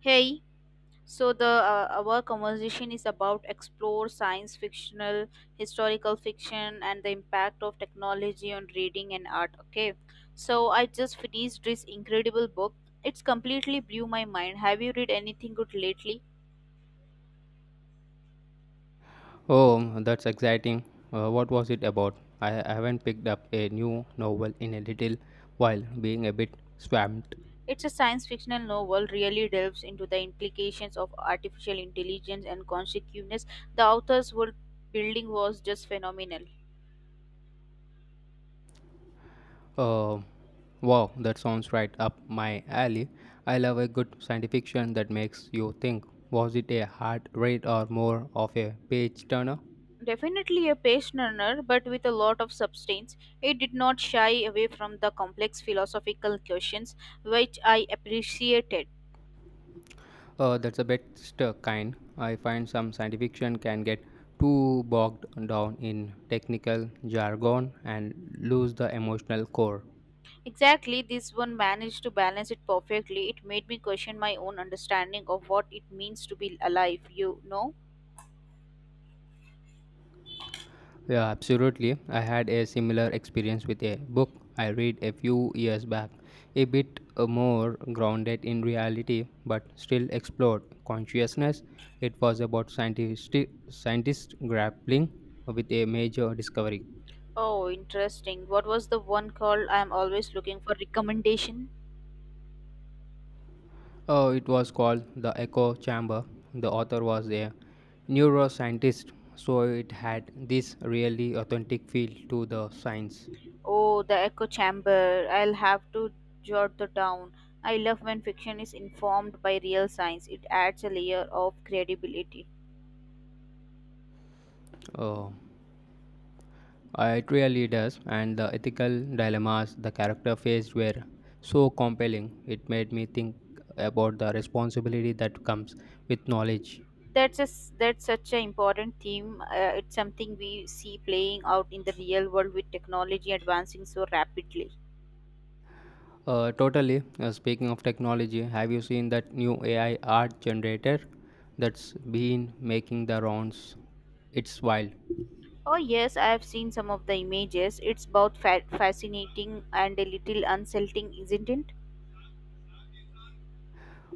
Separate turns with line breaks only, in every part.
Hey, so the our conversation is about explore science fictional, historical fiction, and the impact of technology on reading and art. Okay, so I just finished this incredible book. It's completely blew my mind. Have you read anything good lately?
Oh, that's exciting. What was it about? I haven't picked up a new novel in a little while, being a bit swamped.
It's a science fictional novel. Really delves into the implications of artificial intelligence and consciousness. The author's world building was just phenomenal.
Uh, wow, that sounds right up my alley. I love a good science fiction that makes you think. Was it a hard read or more of a page turner?
Definitely a page turner, but with a lot of substance. It did not shy away from the complex philosophical questions, which I appreciated.
That's the best kind. I find some science fiction can get too bogged down in technical jargon and lose the emotional core.
Exactly, this one managed to balance it perfectly. It made me question my own understanding of what it means to be alive, you know?
Yeah, absolutely. I had a similar experience with a book I read a few years back, a bit more grounded in reality, but still explored consciousness. It was about scientists grappling with a major discovery.
Oh, interesting. What was the one called? I am always looking for recommendation.
Oh, it was called The Echo Chamber. The author was a neuroscientist, so it had this really authentic feel to the science.
Oh, the echo chamber. I'll have to jot that down. I love when fiction is informed by real science. It adds a layer of credibility.
Oh. It really does, and the ethical dilemmas the character faced were so compelling. It made me think about the responsibility that comes with knowledge.
That's such an important theme. It's something we see playing out in the real world with technology advancing so rapidly.
Totally. Speaking of technology, have you seen that new AI art generator that's been making the rounds? It's wild.
Oh yes, I have seen some of the images. It's both fascinating and a little unsettling, isn't it?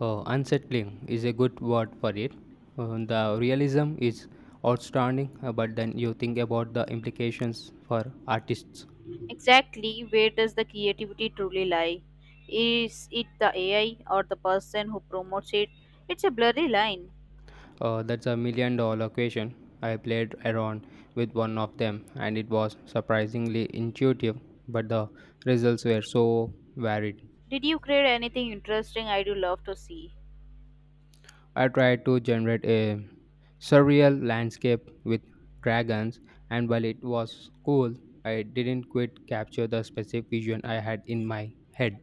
Unsettling is a good word for it. The realism is outstanding, but then you think about the implications for artists.
Exactly, where does the creativity truly lie? Is it the AI or the person who promotes it? It's a blurry line.
That's a million dollar question. I played around with one of them and it was surprisingly intuitive, but the results were so varied.
Did you create anything interesting? I do love to see.
I tried to generate a surreal landscape with dragons, and while it was cool, I didn't quite capture the specific vision I had in my head.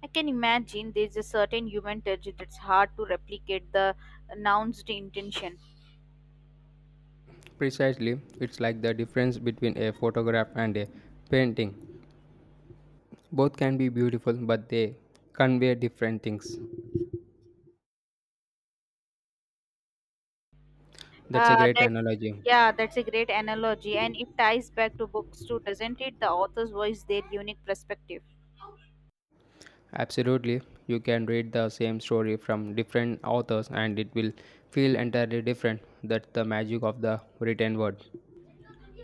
I can imagine there's a certain human touch that's hard to replicate the announced intention.
Precisely, it's like the difference between a photograph and a painting. Both can be beautiful, but they convey different things. That's a
Uh,
great
that's,
analogy.
yeah, that's a great analogy, and it ties back to books too, doesn't it? The authors voice their unique perspective.
Absolutely. You can read the same story from different authors and it will feel entirely different. That's the magic of the written word.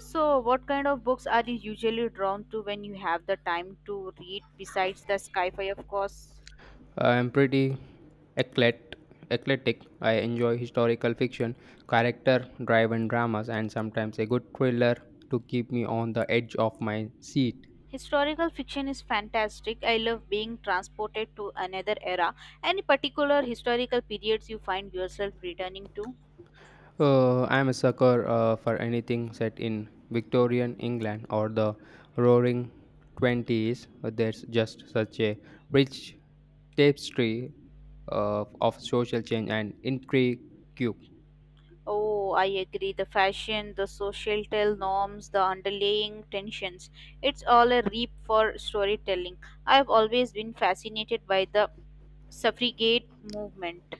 So, what kind of books are you usually drawn to when you have the time to read besides the sci-fi, of course?
I am pretty eclet- eclectic. I enjoy historical fiction, character driven dramas, and sometimes a good thriller to keep me on the edge of my seat.
Historical fiction is fantastic. I love being transported to another era. Any particular historical periods you find yourself returning to?
I'm a sucker for anything set in Victorian England or the Roaring Twenties. There's just such a rich tapestry of social change and intrigue.
Oh, I agree. The fashion, the societal norms, the underlying tensions. It's all a reap for storytelling. I've always been fascinated by the suffragette movement.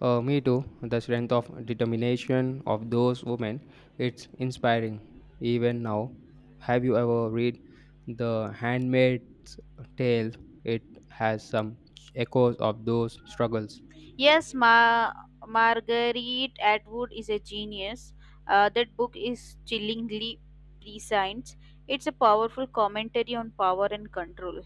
Me too. The strength of determination of those women, it's inspiring. Even now, have you ever read The Handmaid's Tale? It has some echoes of those struggles.
Yes, Marguerite Atwood is a genius. That book is chillingly prescient. It's a powerful commentary on power and control.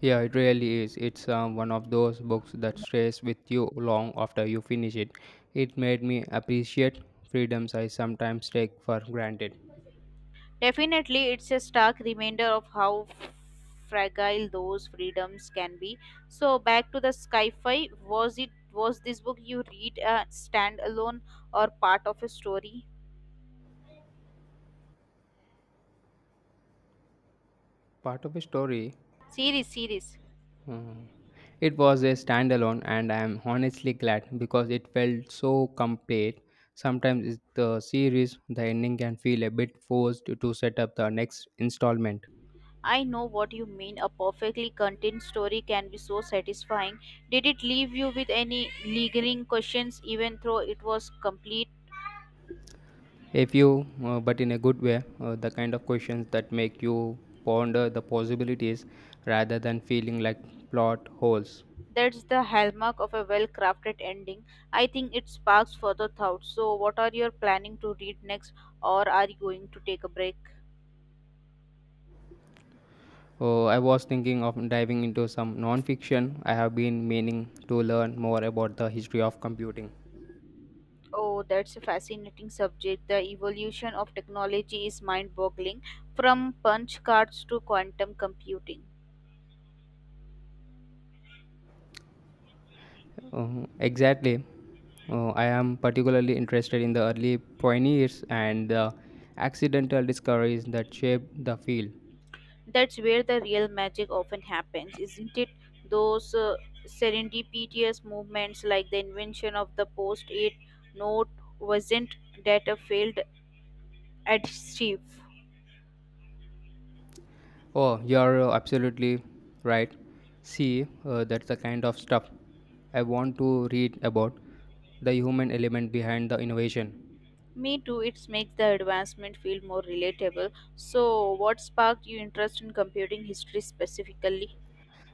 Yeah, it really is. It's one of those books that stays with you long after you finish it. It made me appreciate freedoms I sometimes take for granted.
Definitely, it's a stark reminder of how fragile those freedoms can be. So, back to the sci-fi. Was this book you read a standalone or part of a story?
Part of a story,
Series, series.
it was a standalone, and I am honestly glad because it felt so complete. Sometimes it's the series, the ending can feel a bit forced to set up the next installment.
I know what you mean. A perfectly contained story can be so satisfying. Did it leave you with any lingering questions, even though it was complete?
If you, But in a good way, the kind of questions that make you ponder the possibilities rather than feeling like plot holes.
That's the hallmark of a well crafted ending. I think it sparks further thought. So, what are you planning to read next, or are you going to take a break?
I was thinking of diving into some non-fiction. I have been meaning to learn more about the history of computing.
Oh, that's a fascinating subject. The evolution of technology is mind boggling, from punch cards to quantum computing.
Exactly. I am particularly interested in the early pioneers and the accidental discoveries that shaped the field.
That's where the real magic often happens, isn't it? Those serendipitous movements, like the invention of the post it note, wasn't that a failed adhesive?
Oh, you're absolutely right. See, that's the kind of stuff I want to read about the human element behind the innovation.
Me too, it makes the advancement feel more relatable. So, what sparked your interest in computing history specifically?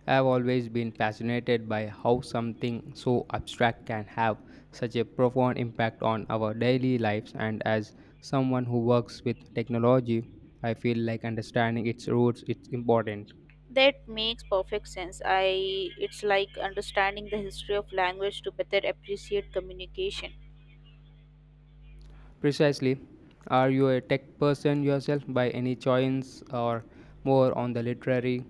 I've always been fascinated by how something so abstract can have such a profound impact on our daily lives, and as someone who works with technology, I feel like understanding its roots is important.
That makes perfect sense. I it's like understanding the history of language to better appreciate communication.
Precisely. Are you a tech person yourself by any chance or more on the literary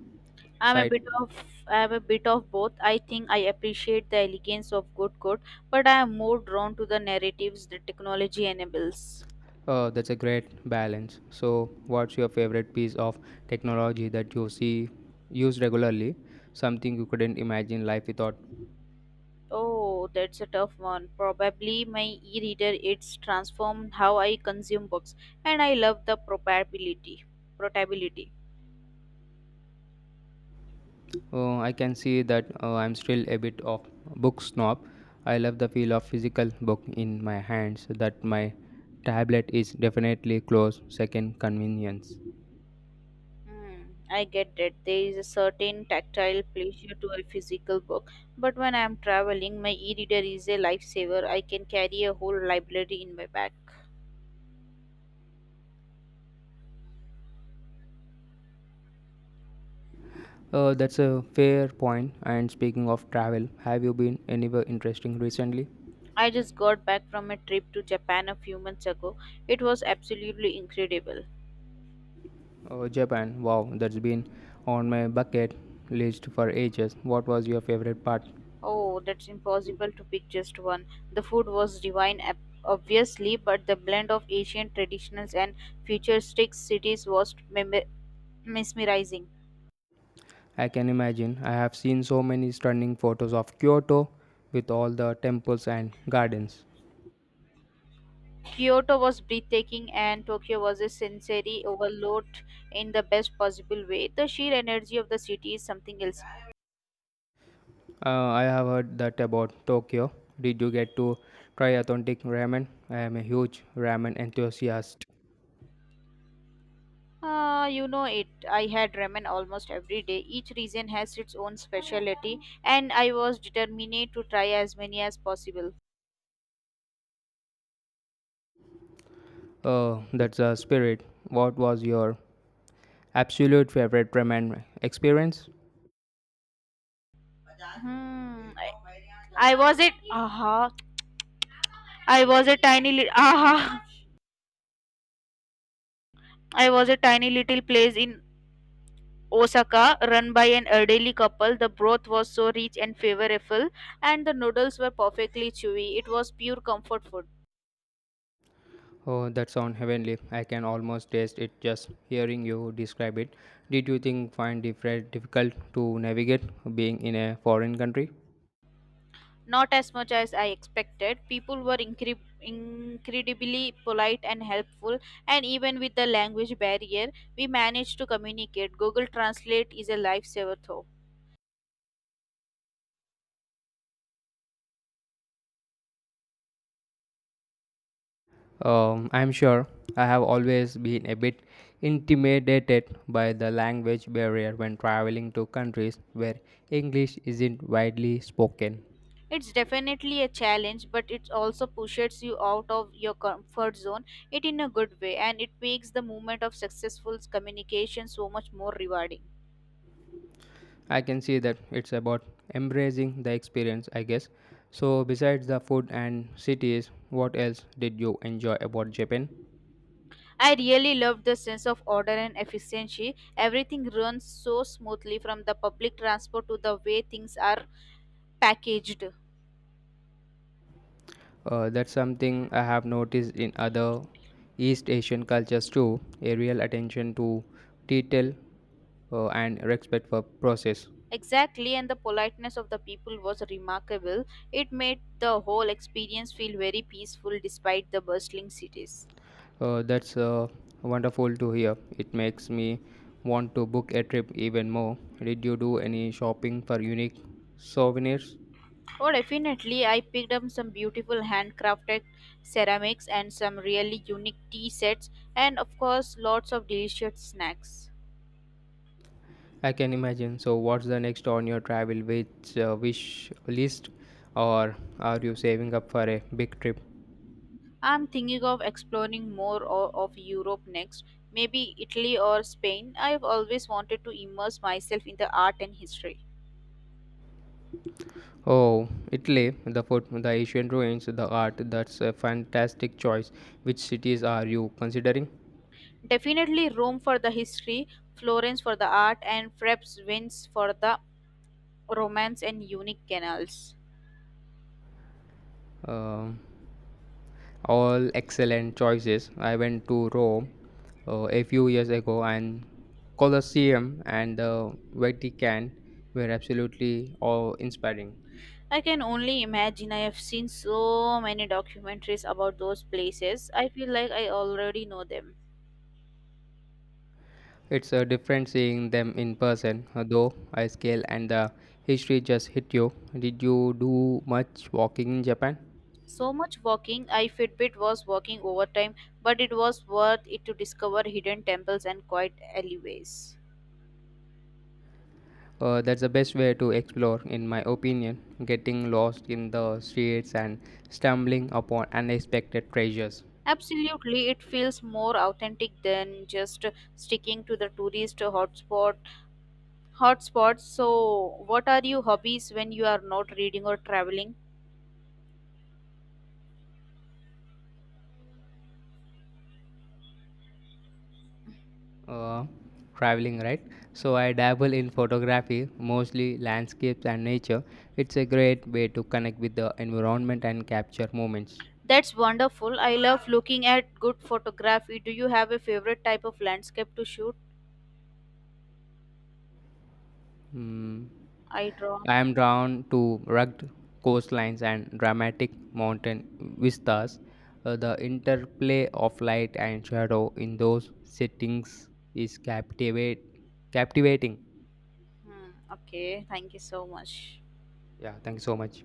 I'm a
side.
bit of I'm a bit of both. I think I appreciate the elegance of good code, but I am more drawn to the narratives the technology enables.
That's a great balance. So, what's your favorite piece of technology that you see used regularly? Something you couldn't imagine life without.
Oh, that's a tough one. Probably my e-reader, it's transformed how I consume books, and I love the portability.
I can see that I'm still a bit of book snob. I love the feel of physical book in my hands. That my tablet is definitely close second convenience.
Hmm, I get that there is a certain tactile pleasure to a physical book, but when I am traveling, my e-reader is a lifesaver. I can carry a whole library in my bag.
That's a fair point. And speaking of travel, have you been anywhere interesting recently?
I just got back from a trip to Japan a few months ago. It was absolutely incredible.
Oh, Japan. Wow, that's been on my bucket list for ages. What was your favorite part?
Oh, that's impossible to pick just one. The food was divine, obviously, but the blend of Asian traditionals and futuristic cities was mesmerizing.
I can imagine. I have seen so many stunning photos of Kyoto with all the temples and gardens.
Kyoto was breathtaking, and Tokyo was a sensory overload in the best possible way. The sheer energy of the city is something else.
I have heard that about Tokyo. Did you get to try authentic ramen? I am a huge ramen enthusiast.
You know it. I had ramen almost every day. Each region has its own specialty, and I was determined to try as many as possible.
Oh, that's a spirit. What was your absolute favorite ramen experience?
Hmm. I was it. Aha. I was a tiny little. Aha. I was a tiny little place in Osaka, run by an elderly couple. The broth was so rich and flavorful, and the noodles were perfectly chewy. It was pure comfort food.
Oh, that sounds heavenly. I can almost taste it just hearing you describe it. Did you think find it very difficult to navigate being in a foreign country?
Not as much as I expected. People were incredibly polite and helpful, and even with the language barrier, we managed to communicate. Google Translate is a lifesaver, though.
I'm sure I have always been a bit intimidated by the language barrier when traveling to countries where English isn't widely spoken.
It's definitely a challenge, but it also pushes you out of your comfort zone, it in a good way, and it makes the moment of successful communication so much more rewarding.
I can see that it's about embracing the experience, I guess. So, besides the food and cities, what else did you enjoy about Japan?
I really loved the sense of order and efficiency. Everything runs so smoothly, from the public transport to the way things are packaged.
That's something I have noticed in other East Asian cultures too a real attention to detail and respect for process.
Exactly, and the politeness of the people was remarkable. It made the whole experience feel very peaceful despite the bustling cities.
That's Wonderful to hear. It makes me want to book a trip even more. Did you do any shopping for unique souvenirs?
Oh definitely, I picked up some beautiful handcrafted ceramics and some really unique tea sets, and of course lots of delicious snacks.
I can imagine. So, what's the next on your travel which wish list, or are you saving up for a big trip?
I'm thinking of exploring more of Europe next, maybe Italy or Spain. I've always wanted to immerse myself in the art and history.
Oh, Italy, the food, the ancient ruins, the art, that's a fantastic choice. Which cities are you considering?
Definitely Rome for the history, Florence for the art, and perhaps Venice for the romance and unique canals.
Um all excellent choices. I went to Rome a few years ago, and Colosseum and the Vatican were absolutely awe inspiring.
I can only imagine. I have seen so many documentaries about those places. I feel like I already know them.
It's different seeing them in person, though I scale and the history just hit you. Did you do much walking in Japan?
So much walking. I Fitbit was walking overtime, but it was worth it to discover hidden temples and quiet alleyways.
That's the best way to explore, in my opinion, getting lost in the streets and stumbling upon unexpected treasures.
Absolutely, it feels more authentic than just sticking to the tourist hotspots. So, what are your hobbies when you are not reading or traveling?
Uh, Traveling, right? So, I dabble in photography, mostly landscapes and nature. It's a great way to connect with the environment and capture moments.
That's wonderful. I love looking at good photography. Do you have a favorite type of landscape to shoot?
Hmm.
I draw.
I am drawn to rugged coastlines and dramatic mountain vistas. The interplay of light and shadow in those settings is captivating.
Hmm, okay, thank you so much.
Yeah, thank you so much.